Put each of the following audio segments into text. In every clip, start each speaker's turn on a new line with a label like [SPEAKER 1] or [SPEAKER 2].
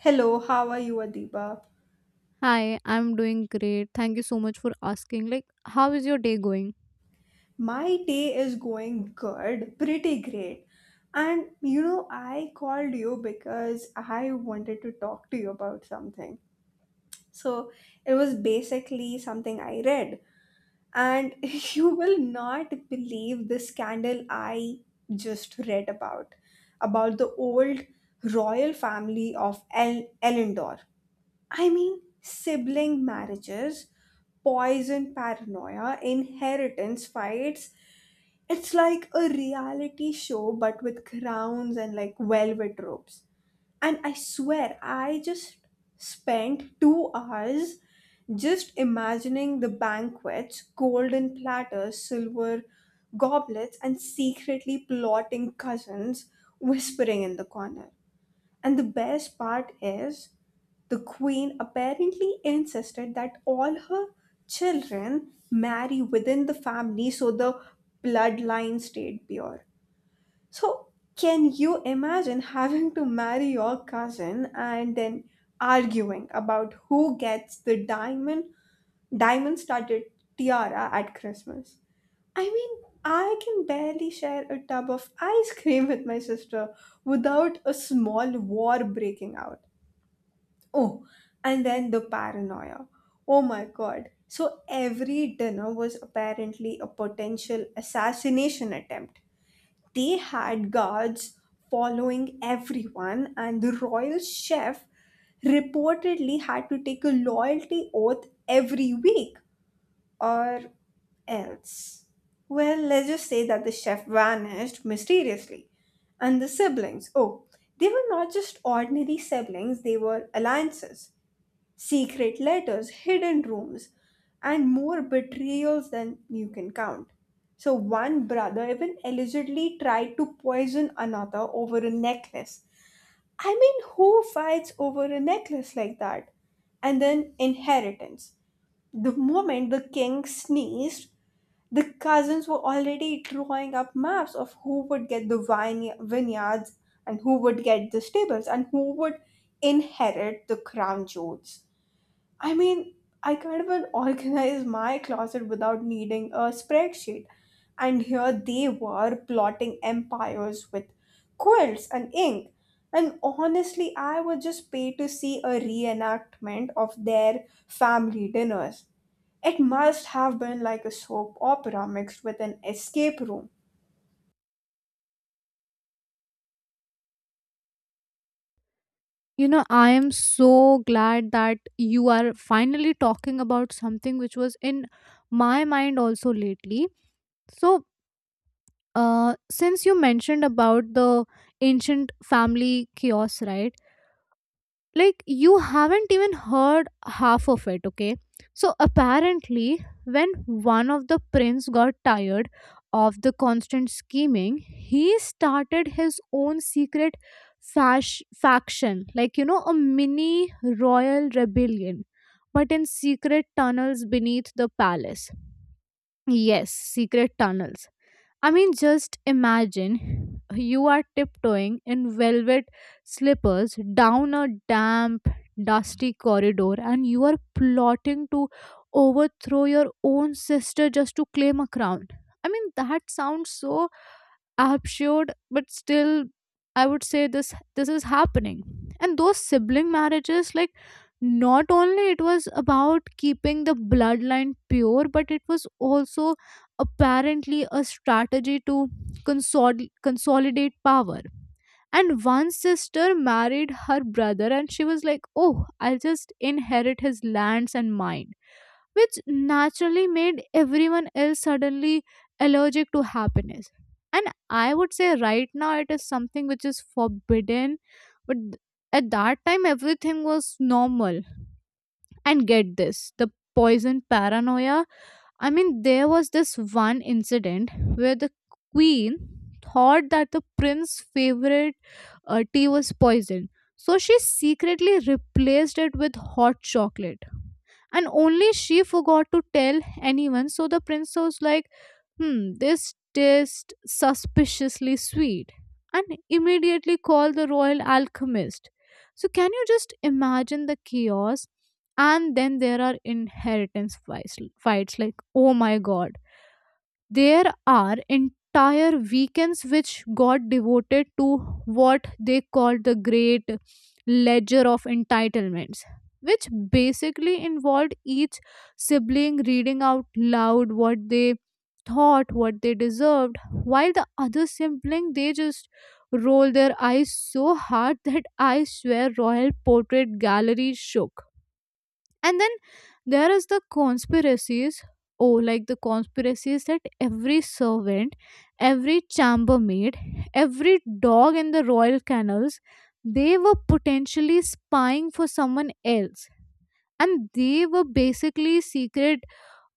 [SPEAKER 1] Hello, how are you, Adiba?
[SPEAKER 2] Hi, I'm doing great. Thank you so much for asking. Like, how is your day going?
[SPEAKER 1] My day is going good, pretty great. And you know, I called you because I wanted to talk to you about something. So it was basically something I read. And you will not believe the scandal I just read about the old royal family of Elendor. I mean, sibling marriages poison paranoia, inheritance fights. It's like a reality show, but with crowns and like velvet ropes. And I swear, I just spent 2 hours just imagining the banquets, golden platters, silver goblets, and secretly plotting cousins whispering in the corner. And the best part is, the queen apparently insisted that all her children marry within the family so the bloodline stayed pure. So, can you imagine having to marry your cousin and then arguing about who gets the diamond studded tiara at Christmas? I mean, I can barely share a tub of ice cream with my sister without a small war breaking out. Oh, and then the paranoia. Oh my god. So every dinner was apparently a potential assassination attempt. They had guards following everyone, and the royal chef reportedly had to take a loyalty oath every week or else. Well, let's just say that the chef vanished mysteriously. And the siblings, oh, they were not just ordinary siblings, they were alliances secret letters, hidden rooms, and more betrayals than you can count. So, one brother even allegedly tried to poison another over a necklace. I mean, who fights over a necklace like that? And then inheritance. The moment the king sneezed, the cousins were already drawing up maps of who would get the vineyards and who would get the stables and who would inherit the crown jewels. I mean, I can't even organize my closet without needing a spreadsheet. And here they were plotting empires with quilts and ink. And honestly, I would just pay to see a reenactment of their family dinners. It must have been like a soap opera mixed with an escape room.
[SPEAKER 2] You know, I am so glad that you are finally talking about something which was in my mind also lately. So, since you mentioned about the ancient family chaos, right? Like you haven't even heard half of it, okay? So apparently when one of the prince got tired of the constant scheming, he started his own secret faction, like, you know, a mini royal rebellion, but in secret tunnels beneath the palace. Yes, secret tunnels. I mean, just imagine you are tiptoeing in velvet slippers down a damp, dusty corridor and you are plotting to overthrow your own sister just to claim a crown. I mean, that sounds so absurd, but still I would say this is happening. And those sibling marriages, like, not only it was about keeping the bloodline pure, but it was also apparently a strategy to consolidate power. And one sister married her brother and she was like, oh, I'll just inherit his lands and mine, which naturally made everyone else suddenly allergic to happiness. And I would say right now it is something which is forbidden, but at that time everything was normal. And get this, the poison paranoia. I mean, there was this one incident where the queen thought that the prince's favorite tea was poisoned. So she secretly replaced it with hot chocolate, and only she forgot to tell anyone, so the prince was like, hmm, this tastes suspiciously sweet, and immediately called the royal alchemist. So can you just imagine the chaos? And then there are inheritance fights like, oh my god, there are entire weekends which got devoted to what they called the Great Ledger of Entitlements, which basically involved each sibling reading out loud what they thought what they deserved, while the other sibling, they just roll their eyes so hard that I swear royal portrait gallery shook. And then there is the conspiracies. Oh, like the conspiracies that every servant, every chambermaid, every dog in the royal kennels, they were potentially spying for someone else. And they were basically secret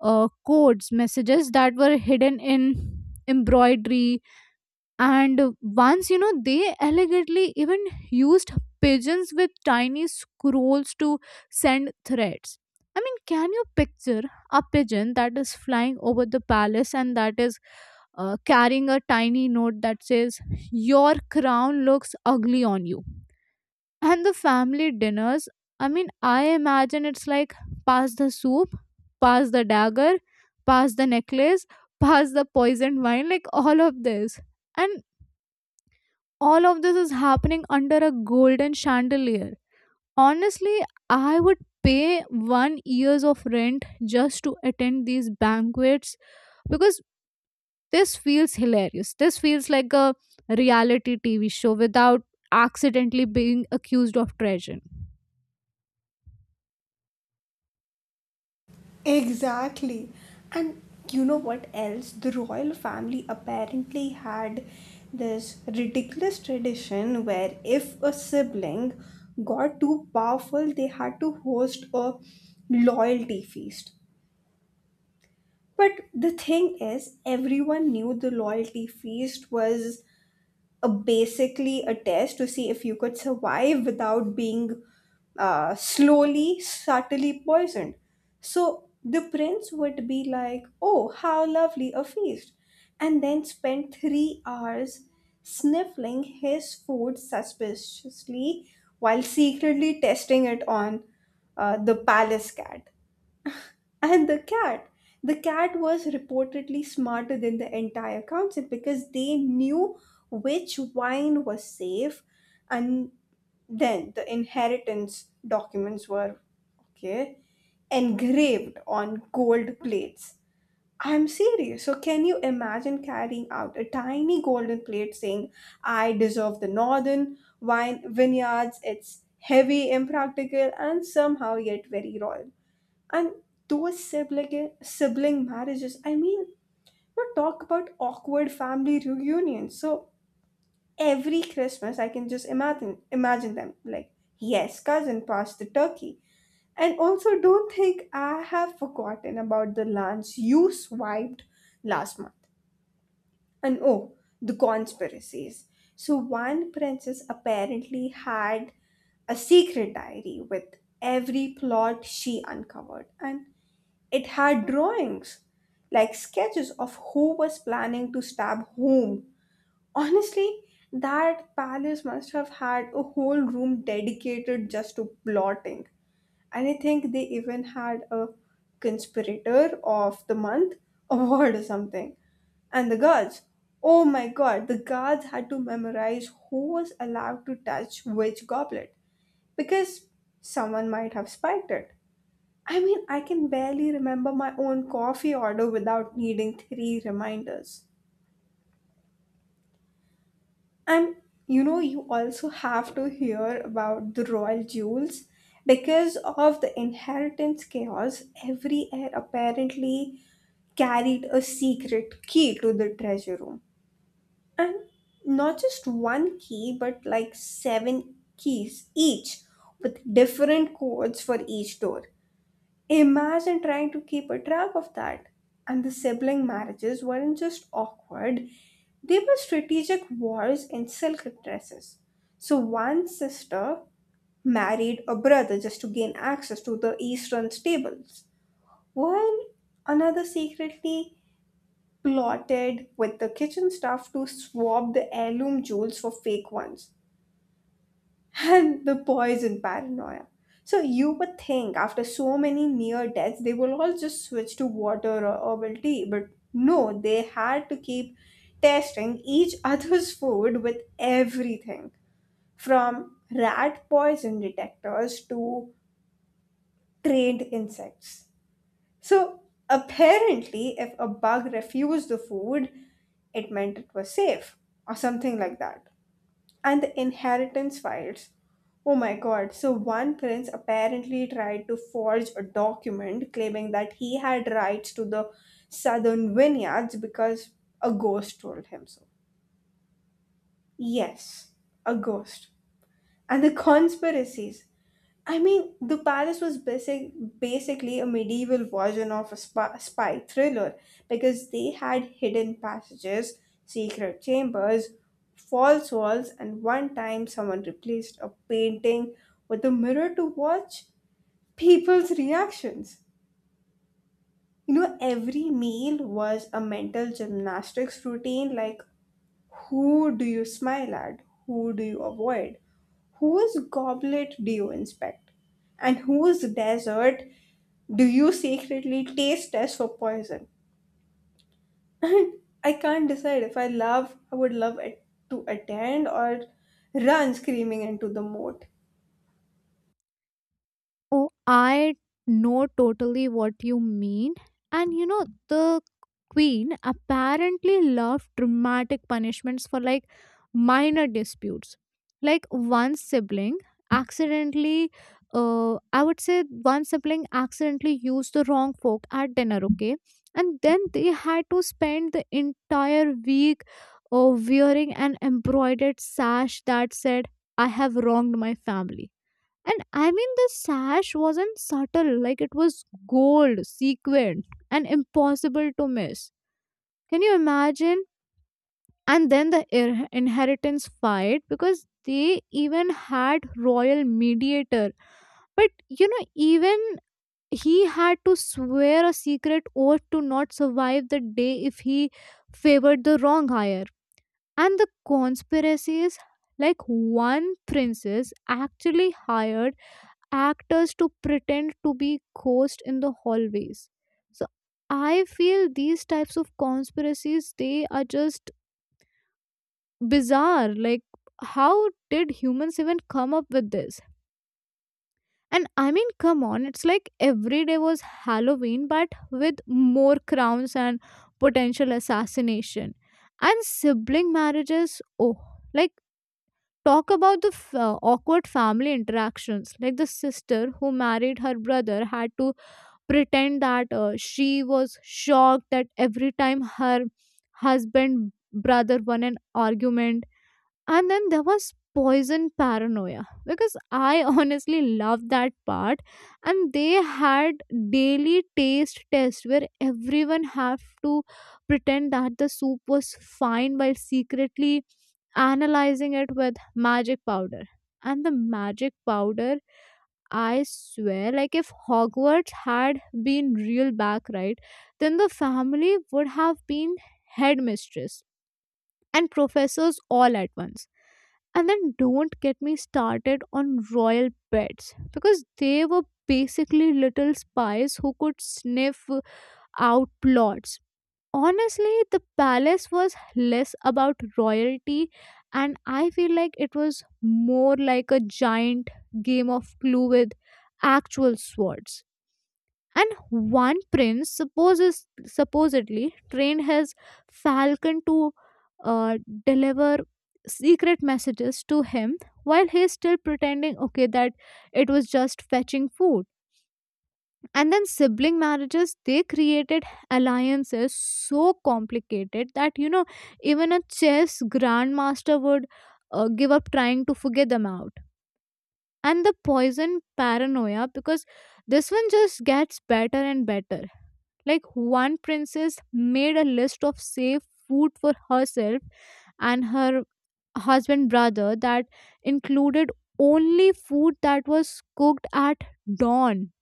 [SPEAKER 2] codes, messages that were hidden in embroidery, and once, you know, they allegedly even used pigeons with tiny scrolls to send threats. I mean, can you picture a pigeon that is flying over the palace and that is carrying a tiny note that says your crown looks ugly on you? And the family dinners, I mean, I imagine it's like pass the soup, pass the dagger, pass the necklace, pass the poisoned wine, like all of this. And all of this is happening under a golden chandelier. Honestly, I would pay 1 years of rent just to attend these banquets, because this feels hilarious, this feels like a reality TV show without accidentally being accused of treason.
[SPEAKER 1] Exactly. And you know what else? The royal family apparently had this ridiculous tradition where if a sibling got too powerful, they had to host a loyalty feast. But the thing is, everyone knew the loyalty feast was a basically a test to see if you could survive without being slowly, subtly poisoned. So the prince would be like, oh, how lovely a feast! And then spend 3 hours sniffling his food suspiciously while secretly testing it on the palace cat. And the cat. The cat was reportedly smarter than the entire council because they knew which wine was safe, and then the inheritance documents were okay engraved on gold plates. I'm serious. So, can you imagine carrying out a tiny golden plate saying, I deserve the northern wine vineyards? It's heavy, impractical, and somehow yet very royal and those sibling marriages. I mean, you talk about awkward family reunions. So every Christmas I can just imagine them like, yes cousin, passed the turkey, and also don't think I have forgotten about the lunch you swiped last month. And oh, the conspiracies. So one princess apparently had a secret diary with every plot she uncovered, and it had drawings, like sketches of who was planning to stab whom. Honestly, that palace must have had a whole room dedicated just to plotting. And I think they even had a conspirator of the month award or something. And the guards. Oh my god, the guards had to memorize who was allowed to touch which goblet because someone might have spiked it. I mean, I can barely remember my own coffee order without needing three reminders. And you know, you also have to hear about the royal jewels. Because of the inheritance chaos, every heir apparently carried a secret key to the treasure room. And not just one key, but like seven keys each, with different codes for each door. Imagine trying to keep a track of that. And the sibling marriages weren't just awkward, they were strategic wars in silk dresses. So one sister married a brother just to gain access to the eastern stables, while another secretly plotted with the kitchen staff to swap the heirloom jewels for fake ones and the poison paranoia. So you would think after so many near deaths, they will all just switch to water or herbal tea, but no, they had to keep testing each other's food with everything from rat poison detectors to trained insects. So apparently, if a bug refused the food, it meant it was safe or something like that and the inheritance files. Oh my god, so one prince apparently tried to forge a document claiming that he had rights to the southern vineyards because a ghost told him so. Yes, a ghost. And the conspiracies. I mean, the Palace was basically a medieval version of a spy thriller because they had hidden passages, secret chambers, false walls, and one time someone replaced a painting with a mirror to watch people's reactions. You know, every meal was a mental gymnastics routine like who do you smile at? Who do you avoid? Whose goblet do you inspect? And whose desert do you secretly taste test for poison? I can't decide if I would love it to attend or run screaming into the moat.
[SPEAKER 2] Oh, I know totally what you mean. And you know, the queen apparently loved dramatic punishments for, like, minor disputes. Like one sibling accidentally, I would say one sibling accidentally used the wrong fork at dinner, okay? And then they had to spend the entire week wearing an embroidered sash that said, I have wronged my family. And I mean, the sash wasn't subtle, like it was gold, sequined, and impossible to miss. Can you imagine? And then the inheritance fight, because they even had royal mediator. But you know, even he had to swear a secret oath to not survive the day if he favored the wrong hire. And the conspiracies, like one princess actually hired actors to pretend to be ghosts in the hallways. So I feel these types of conspiracies, they are just bizarre. Like how did humans even come up with this? And I mean, come on, it's like every day was Halloween, but with more crowns and potential assassination. And sibling marriages, oh, like talk about the awkward family interactions. Like the sister who married her brother had to pretend that she was shocked that every time her husband brother won an argument. And then there was poison paranoia, because I honestly loved that part. And they had daily taste test where everyone have to pretend that the soup was fine while secretly analyzing it with magic powder. And the magic powder, I swear, like if Hogwarts had been real back, right, then the family would have been headmistress and professors all at once. And then don't get me started on royal pets, because they were basically little spies who could sniff out plots. Honestly, the palace was less about royalty, and I feel like it was more like a giant game of Clue with actual swords. And one prince supposes supposedly trained his falcon to uh, deliver secret messages to him while he's still pretending, okay, that it was just fetching food. And then sibling marriages, they created alliances so complicated that, you know, even a chess grandmaster would give up trying to figure them out. And the poison paranoia, because this one just gets better and better. Like, one princess made a list of safe food for herself and her husband brother that included only food that was cooked at dawn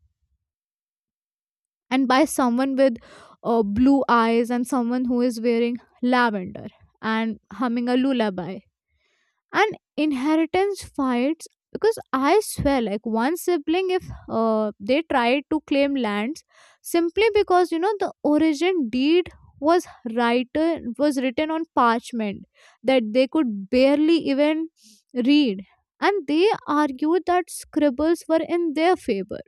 [SPEAKER 2] and by someone with blue eyes and someone who is wearing lavender and humming a lullaby. And inheritance fights, because I swear, like one sibling, if they tried to claim lands simply because, you know, the origin deed was was written on parchment that they could barely even read, and they argued that scribbles were in their favor.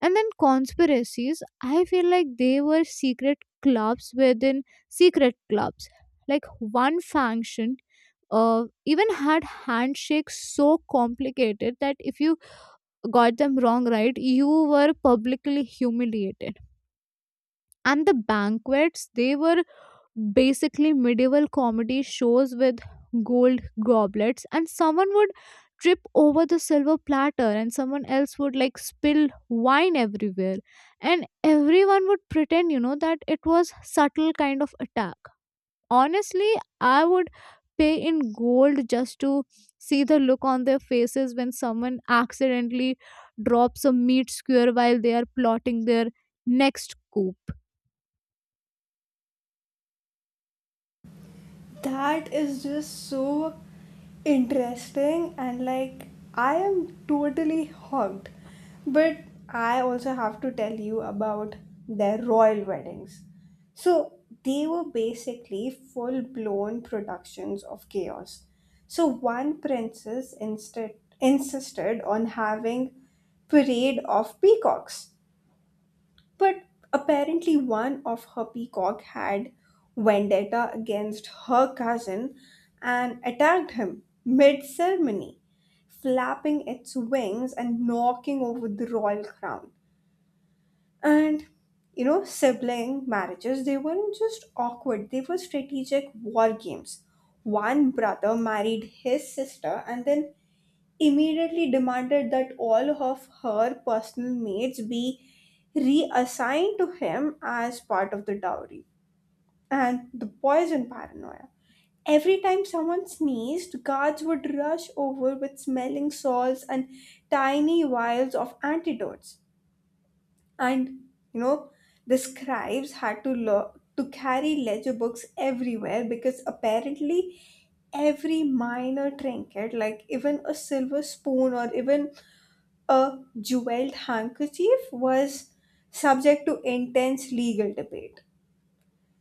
[SPEAKER 2] And then conspiracies, I feel like they were secret clubs within secret clubs. Like one function even had handshakes so complicated that if you got them wrong, right, you were publicly humiliated. And the banquets, they were basically medieval comedy shows with gold goblets, and someone would trip over the silver platter, and someone else would, like, spill wine everywhere, and everyone would pretend, you know, that it was subtle kind of attack. Honestly, I would pay in gold just to see the look on their faces when someone accidentally drops a meat skewer while they are plotting their next coup.
[SPEAKER 1] That is just so interesting and like I am totally hooked. But I also have to tell you about their royal weddings. So they were basically full blown productions of chaos. So one princess instead insisted on having parade of peacocks but apparently, one of her peacock had vendetta against her cousin and attacked him mid ceremony, flapping its wings and knocking over the royal crown. And you know, sibling marriages, they weren't just awkward, they were strategic war games. One brother married his sister, and then immediately demanded that all of her personal maids be reassigned to him as part of the dowry. And the poison paranoia. Every time someone sneezed, guards would rush over with smelling salts and tiny vials of antidotes. And you know, the scribes had to to carry ledger books everywhere because apparently every minor trinket, like even a silver spoon or even a jeweled handkerchief was subject to intense legal debate.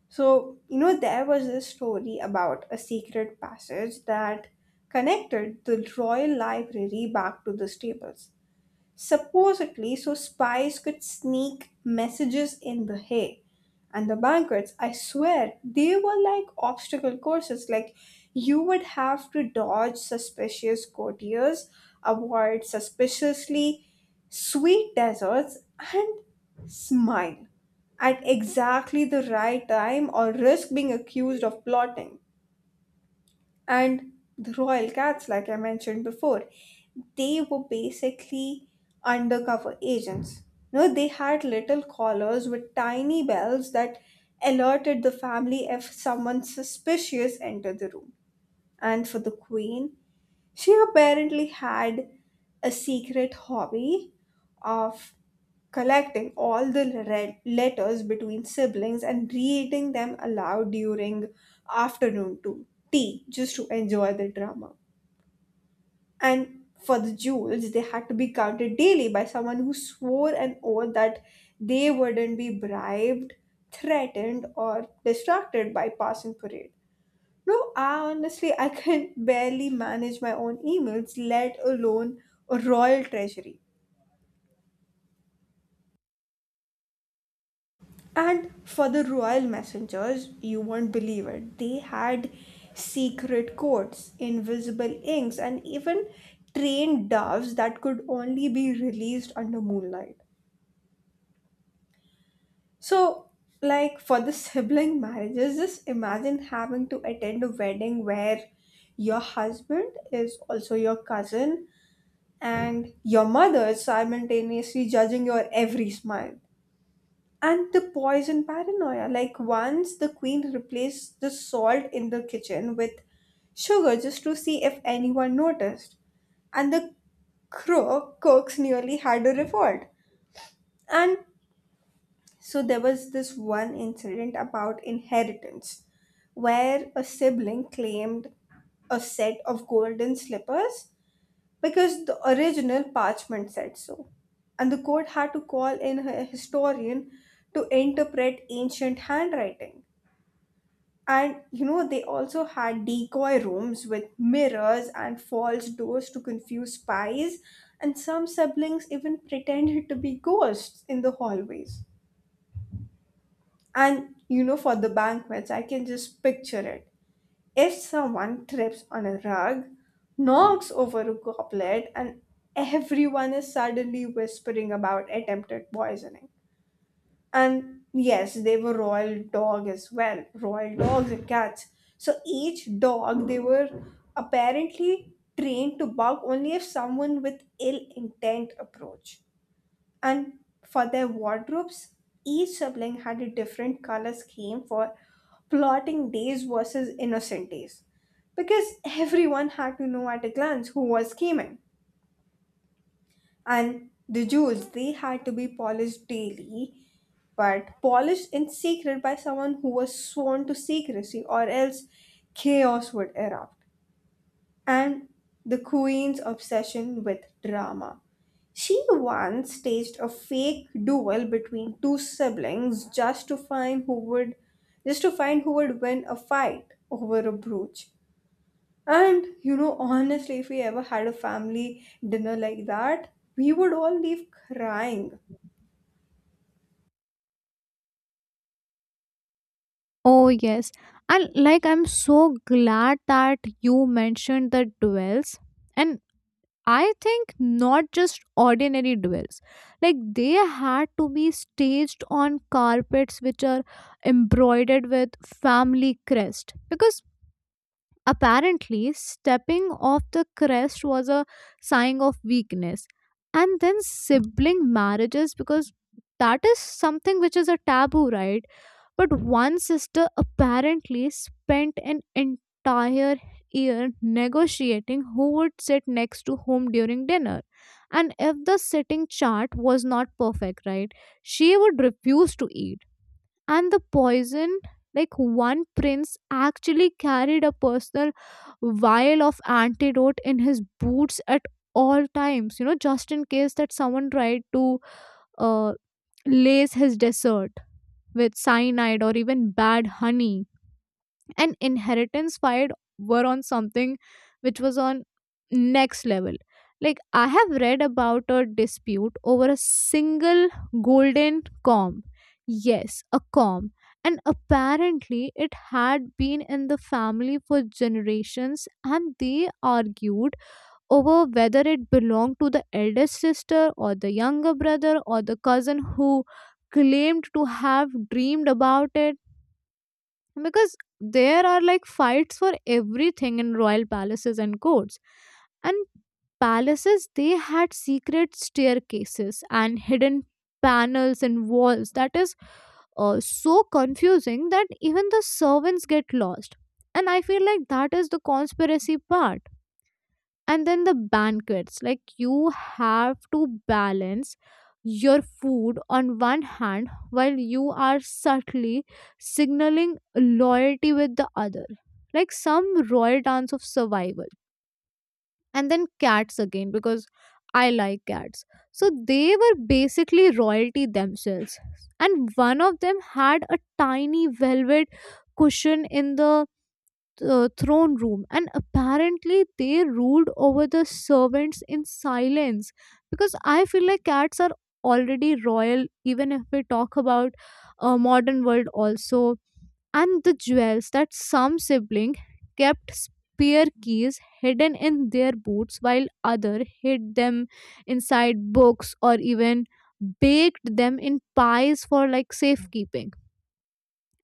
[SPEAKER 1] So, you know, there was a story about a secret passage that connected the royal library back to the stables supposedly so spies could sneak messages in the hay. And the banquets, I swear, they were like obstacle courses. Like you would have to dodge suspicious courtiers, avoid suspiciously sweet desserts, and smile at exactly the right time or risk being accused of plotting. And the royal cats, like I mentioned before, they were basically undercover agents. No, they had little collars with tiny bells that alerted the family if someone suspicious entered the room. And for the queen, she apparently had a secret hobby of collecting all the letters between siblings and reading them aloud during afternoon to tea just to enjoy the drama. And for the jewels, they had to be counted daily by someone who swore an oath that they wouldn't be bribed, threatened, or distracted by passing parade. No, I honestly I can barely manage my own emails, let alone a royal treasury. And for the royal messengers, you won't believe it. They had secret codes, invisible inks, and even trained doves that could only be released under moonlight. So, like for the sibling marriages, just imagine having to attend a wedding where your husband is also your cousin and your mother simultaneously judging your every smile. And the poison paranoia. Like once the queen replaced the salt in the kitchen with sugar just to see if anyone noticed. And the crow cooks nearly had a revolt. And so there was this one incident about inheritance where a sibling claimed a set of golden slippers because the original parchment said so. And the court had to call in a historian to interpret ancient handwriting. And you know, they also had decoy rooms with mirrors and false doors to confuse spies, and some siblings even pretended to be ghosts in the hallways. And you know, for the banquets, I can just picture it. If someone trips on a rug, knocks over a goblet, and everyone is suddenly whispering about attempted poisoning. And yes, they were royal dog as well, royal dogs and cats. So each dog they were apparently trained to bark only if someone with ill intent approached. And for their wardrobes, each sibling had a different color scheme for plotting days versus innocent days. Because everyone had to know at a glance who was scheming. And the jewels, they had to be polished daily, but polished in secret by someone who was sworn to secrecy, or else chaos would erupt and the Queen's obsession with drama. She once staged a fake duel between two siblings just to find who would win a fight over a brooch. And you know, honestly, if we ever had a family dinner like that, we would all leave crying.
[SPEAKER 2] Oh, yes. And like, I'm so glad that you mentioned the duels. And I think not just ordinary duels, like, they had to be staged on carpets which are embroidered with family crest, because apparently stepping off the crest was a sign of weakness. And then sibling marriages, because that is something which is a taboo, right? But one sister apparently spent an entire year negotiating who would sit next to whom during dinner. And if the sitting chart was not perfect, right, she would refuse to eat. And the poison, like one prince actually carried a personal vial of antidote in his boots at all times, you know, just in case that someone tried to uh, lace his dessert with cyanide or even bad honey. And inheritance fight were on something which was on next level. Like I have read about a dispute over a single golden comb. Yes, a comb. And apparently, it had been in the family for generations, and they argued over whether it belonged to the eldest sister or the younger brother or the cousin who claimed to have dreamed about it. Because there are, like, fights for everything in royal palaces and courts. And palaces, they had secret staircases and hidden panels and walls that is so confusing that even the servants get lost. And I feel like that is the conspiracy part. And then the banquets, like you have to balance your food on one hand while you are subtly signaling loyalty with the other, like some royal dance of survival. And then cats again, because I like cats. So they were basically royalty themselves, and one of them had a tiny velvet cushion in the throne room, and apparently they ruled over the servants in silence, because I feel like cats are already royal even if we talk about a modern world also. And the jewels, that some sibling kept spear keys hidden in their boots while other hid them inside books or even baked them in pies for, like, safekeeping.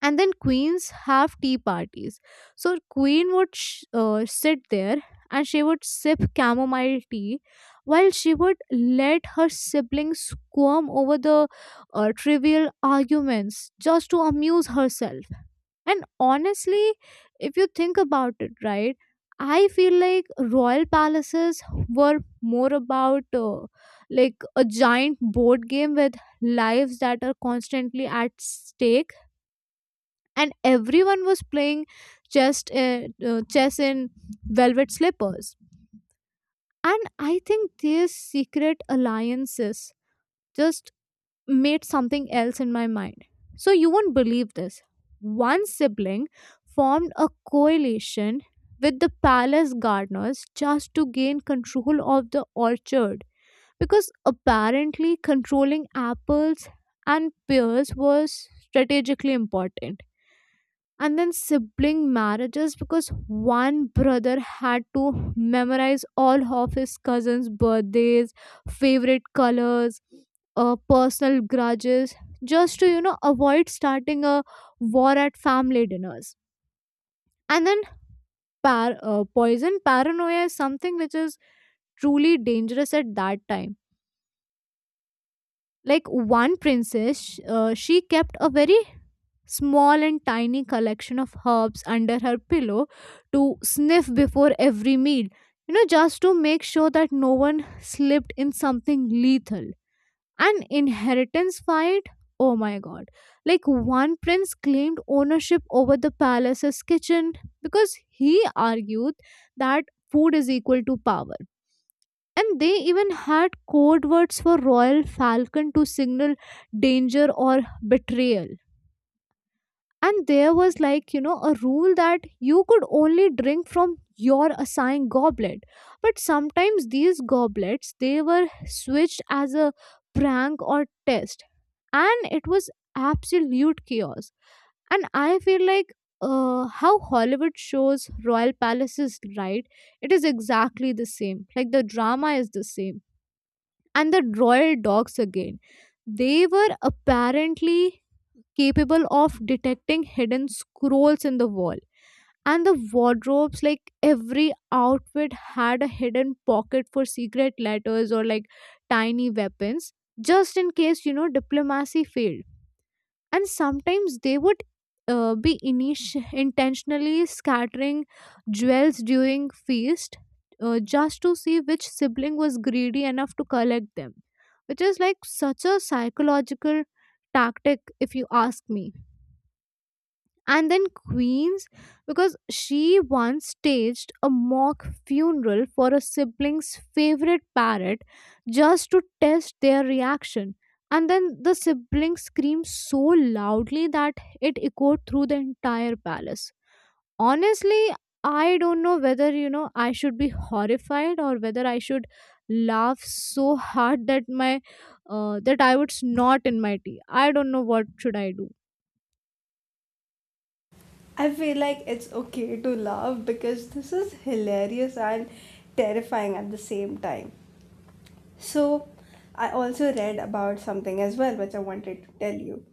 [SPEAKER 2] And then queens have tea parties, so queen would sit there and she would sip chamomile tea while she would let her siblings squirm over the trivial arguments just to amuse herself. And honestly, if you think about it, right, I feel like royal palaces were more about, like, a giant board game with lives that are constantly at stake, and everyone was playing chess in velvet slippers. And I think these secret alliances just made something else in my mind. So you won't believe this. One sibling formed a coalition with the palace gardeners just to gain control of the orchard, because apparently controlling apples and pears was strategically important. And then sibling marriages, because one brother had to memorize all of his cousins' birthdays, favorite colors, personal grudges, just to avoid starting a war at family dinners. And then poison paranoia is something which is truly dangerous at that time. Like, one princess, she kept a very small and tiny collection of herbs under her pillow to sniff before every meal, just to make sure that no one slipped in something lethal. An inheritance fight, oh my god. Like, one prince claimed ownership over the palace's kitchen because he argued that food is equal to power. And they even had code words for Royal Falcon to signal danger or betrayal. And there was, like, you know, a rule that you could only drink from your assigned goblet. But sometimes these goblets, they were switched as a prank or test. And it was absolute chaos. And I feel like, how Hollywood shows royal palaces, right? It is exactly the same. Like, the drama is the same. And the royal dogs again, they were apparently capable of detecting hidden scrolls in the wall. And the wardrobes, like every outfit had a hidden pocket for secret letters or like tiny weapons, just in case, you know, diplomacy failed. And sometimes they would be intentionally scattering jewels during feast, just to see which sibling was greedy enough to collect them, which is like such a psychological tactic, if you ask me. And then Queens, because she once staged a mock funeral for a sibling's favorite parrot just to test their reaction. And then the sibling screamed so loudly that it echoed through the entire palace. Honestly, I don't know whether I should be horrified or whether I should laugh so hard that my that I would snort in my tea. I don't know what should I do.
[SPEAKER 1] I feel like it's okay to laugh because this is hilarious and terrifying at the same time. So, I also read about something as well, which I wanted to tell you.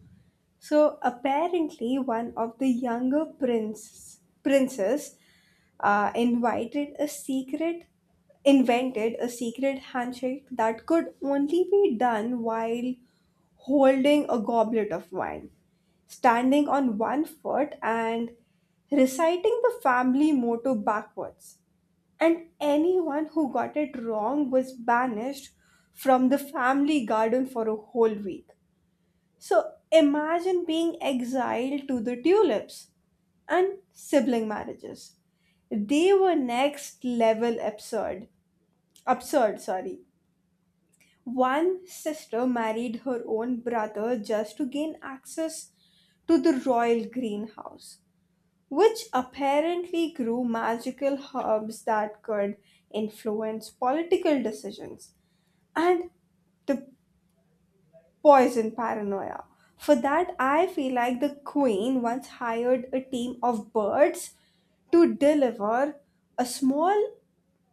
[SPEAKER 1] So, apparently, one of the younger princes uh, invited a secret, invented a secret handshake that could only be done while holding a goblet of wine, standing on one foot, and reciting the family motto backwards, and anyone who got it wrong was banished from the family garden for a whole week. So imagine being exiled to the tulips and sibling marriages. They were next level absurd. Absurd, sorry. One sister married her own brother just to gain access to the royal greenhouse, which apparently grew magical herbs that could influence political decisions and the poison paranoia. For that, I feel like the queen once hired a team of birds to deliver a small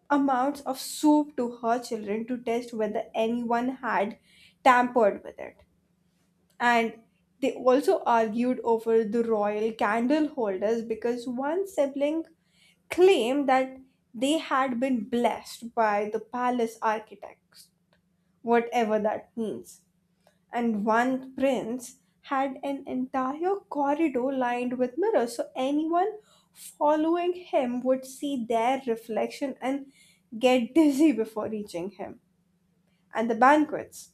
[SPEAKER 1] amount of soup to her children to test whether anyone had tampered with it. And they also argued over the royal candle holders because one sibling claimed that they had been blessed by the palace architects, whatever that means. And one prince had an entire corridor lined with mirrors, so anyone following him would see their reflection and get dizzy before reaching him. And the banquets.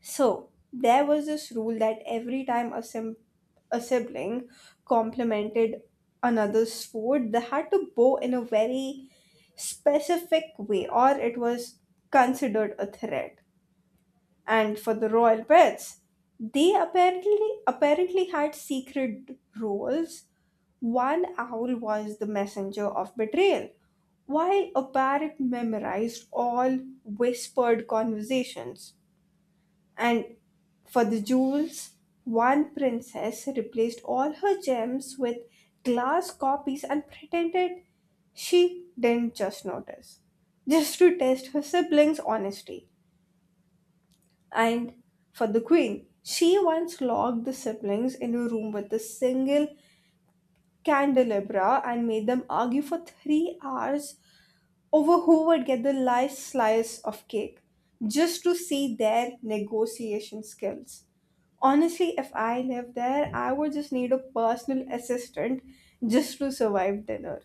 [SPEAKER 1] So there was this rule that every time a sibling complimented another's food, they had to bow in a very specific way, or it was considered a threat. And for the royal pets, they apparently had secret roles. One owl was the messenger of betrayal, while a parrot memorized all whispered conversations. And for the jewels, one princess replaced all her gems with glass copies and pretended she didn't just notice, just to test her siblings' honesty. And for the queen, she once locked the siblings in a room with a single candelabra and made them argue for 3 hours over who would get the last slice of cake, just to see their negotiation skills. Honestly, if I lived there, I would just need a personal assistant just to survive dinner.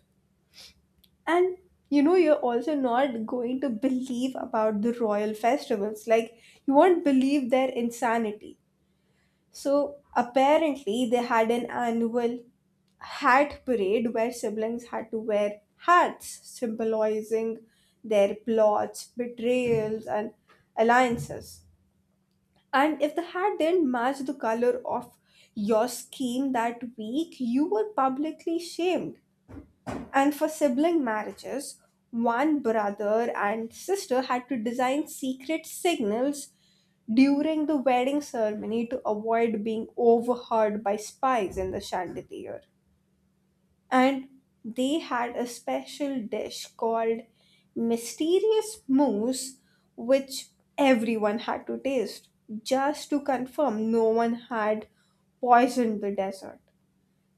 [SPEAKER 1] And you know, you're also not going to believe about the royal festivals. Like, you won't believe their insanity. So, apparently, they had an annual hat parade where siblings had to wear hats, symbolizing their plots, betrayals, and alliances. And if the hat didn't match the color of your scheme that week, you were publicly shamed. And for sibling marriages, one brother and sister had to design secret signals during the wedding ceremony to avoid being overheard by spies in the chandelier. And they had a special dish called mysterious mousse, which everyone had to taste just to confirm no one had poisoned the desert.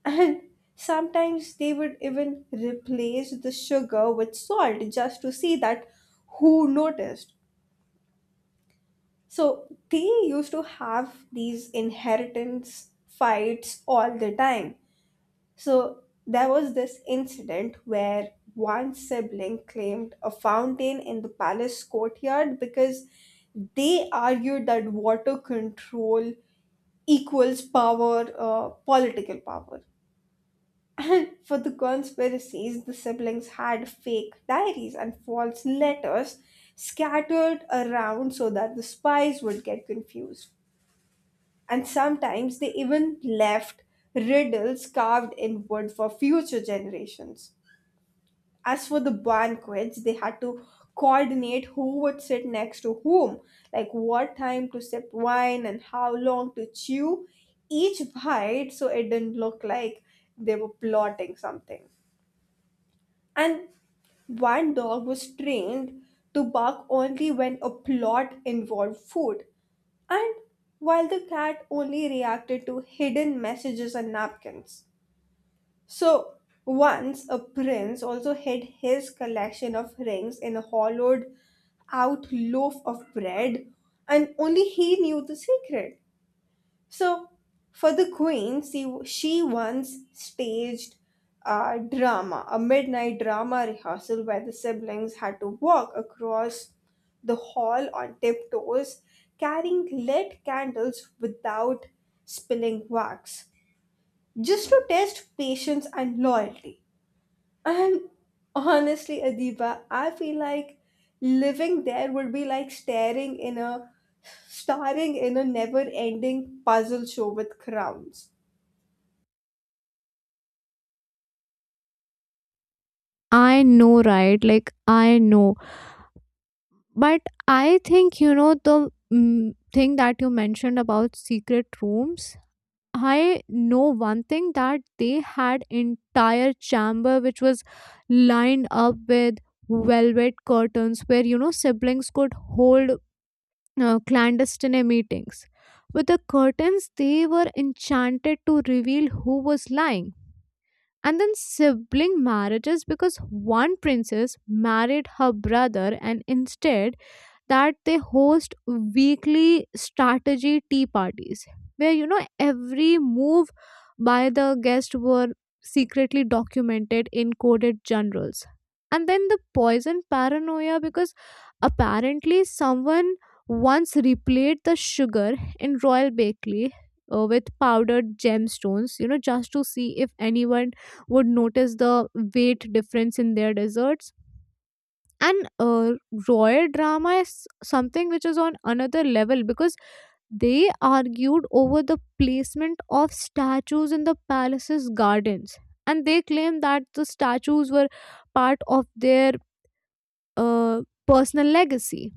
[SPEAKER 1] And sometimes they would even replace the sugar with salt just to see that who noticed. So they used to have these inheritance fights all the time. So there was this incident where one sibling claimed a fountain in the palace courtyard because they argued that water control equals political power. For the conspiracies, the siblings had fake diaries and false letters scattered around so that the spies would get confused. And sometimes they even left riddles carved in wood for future generations. As for the banquets, they had to coordinate who would sit next to whom, like what time to sip wine and how long to chew each bite so it didn't look like they were plotting something. And one dog was trained to bark only when a plot involved food, and while the cat only reacted to hidden messages and napkins. So once a prince also hid his collection of rings in a hollowed out loaf of bread, and only he knew the secret. So for the queen, she once staged a drama, a midnight drama rehearsal where the siblings had to walk across the hall on tiptoes, carrying lit candles without spilling wax, just to test patience and loyalty. And honestly, Adiba, I feel like living there would be like staring in a starring in a never-ending puzzle show with crowns.
[SPEAKER 2] I know, right? Like, I know. But I think, you know, the thing that you mentioned about secret rooms, I know one thing, that they had entire chamber which was lined up with velvet curtains where, you know, siblings could hold clandestine meetings. With the curtains, they were enchanted to reveal who was lying. And then sibling marriages, because one princess married her brother and instead that they host weekly strategy tea parties where, you know, every move by the guest were secretly documented in coded journals. And then the poison paranoia, because apparently someone once replayed the sugar in royal bakery, with powdered gemstones, you know, just to see if anyone would notice the weight difference in their desserts. And royal drama is something which is on another level, because they argued over the placement of statues in the palace's gardens. And they claimed that the statues were part of their personal legacy.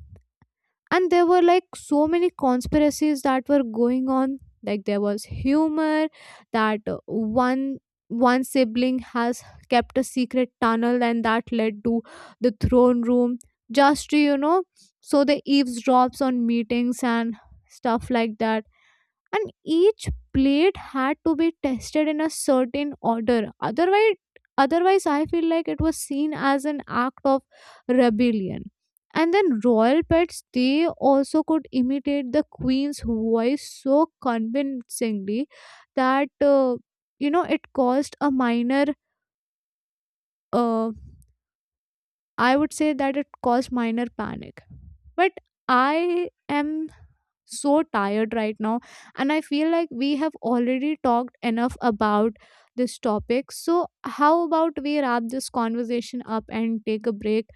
[SPEAKER 2] And there were like so many conspiracies that were going on, like there was humor that, one sibling has kept a secret tunnel and that led to the throne room, just to, you know, so the eavesdrops on meetings and stuff like that. And each plate had to be tested in a certain order otherwise otherwise I feel like it was seen as an act of rebellion. And then royal pets, they also could imitate the queen's voice so convincingly that, you know, it caused a minor, uh, I would say that it caused minor panic. But I am so tired right now, and I feel like we have already talked enough about this topic, so how about we wrap this conversation up and take a break.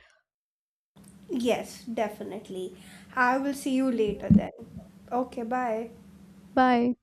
[SPEAKER 1] Yes, definitely. I will see you later then. Okay, bye.
[SPEAKER 2] Bye.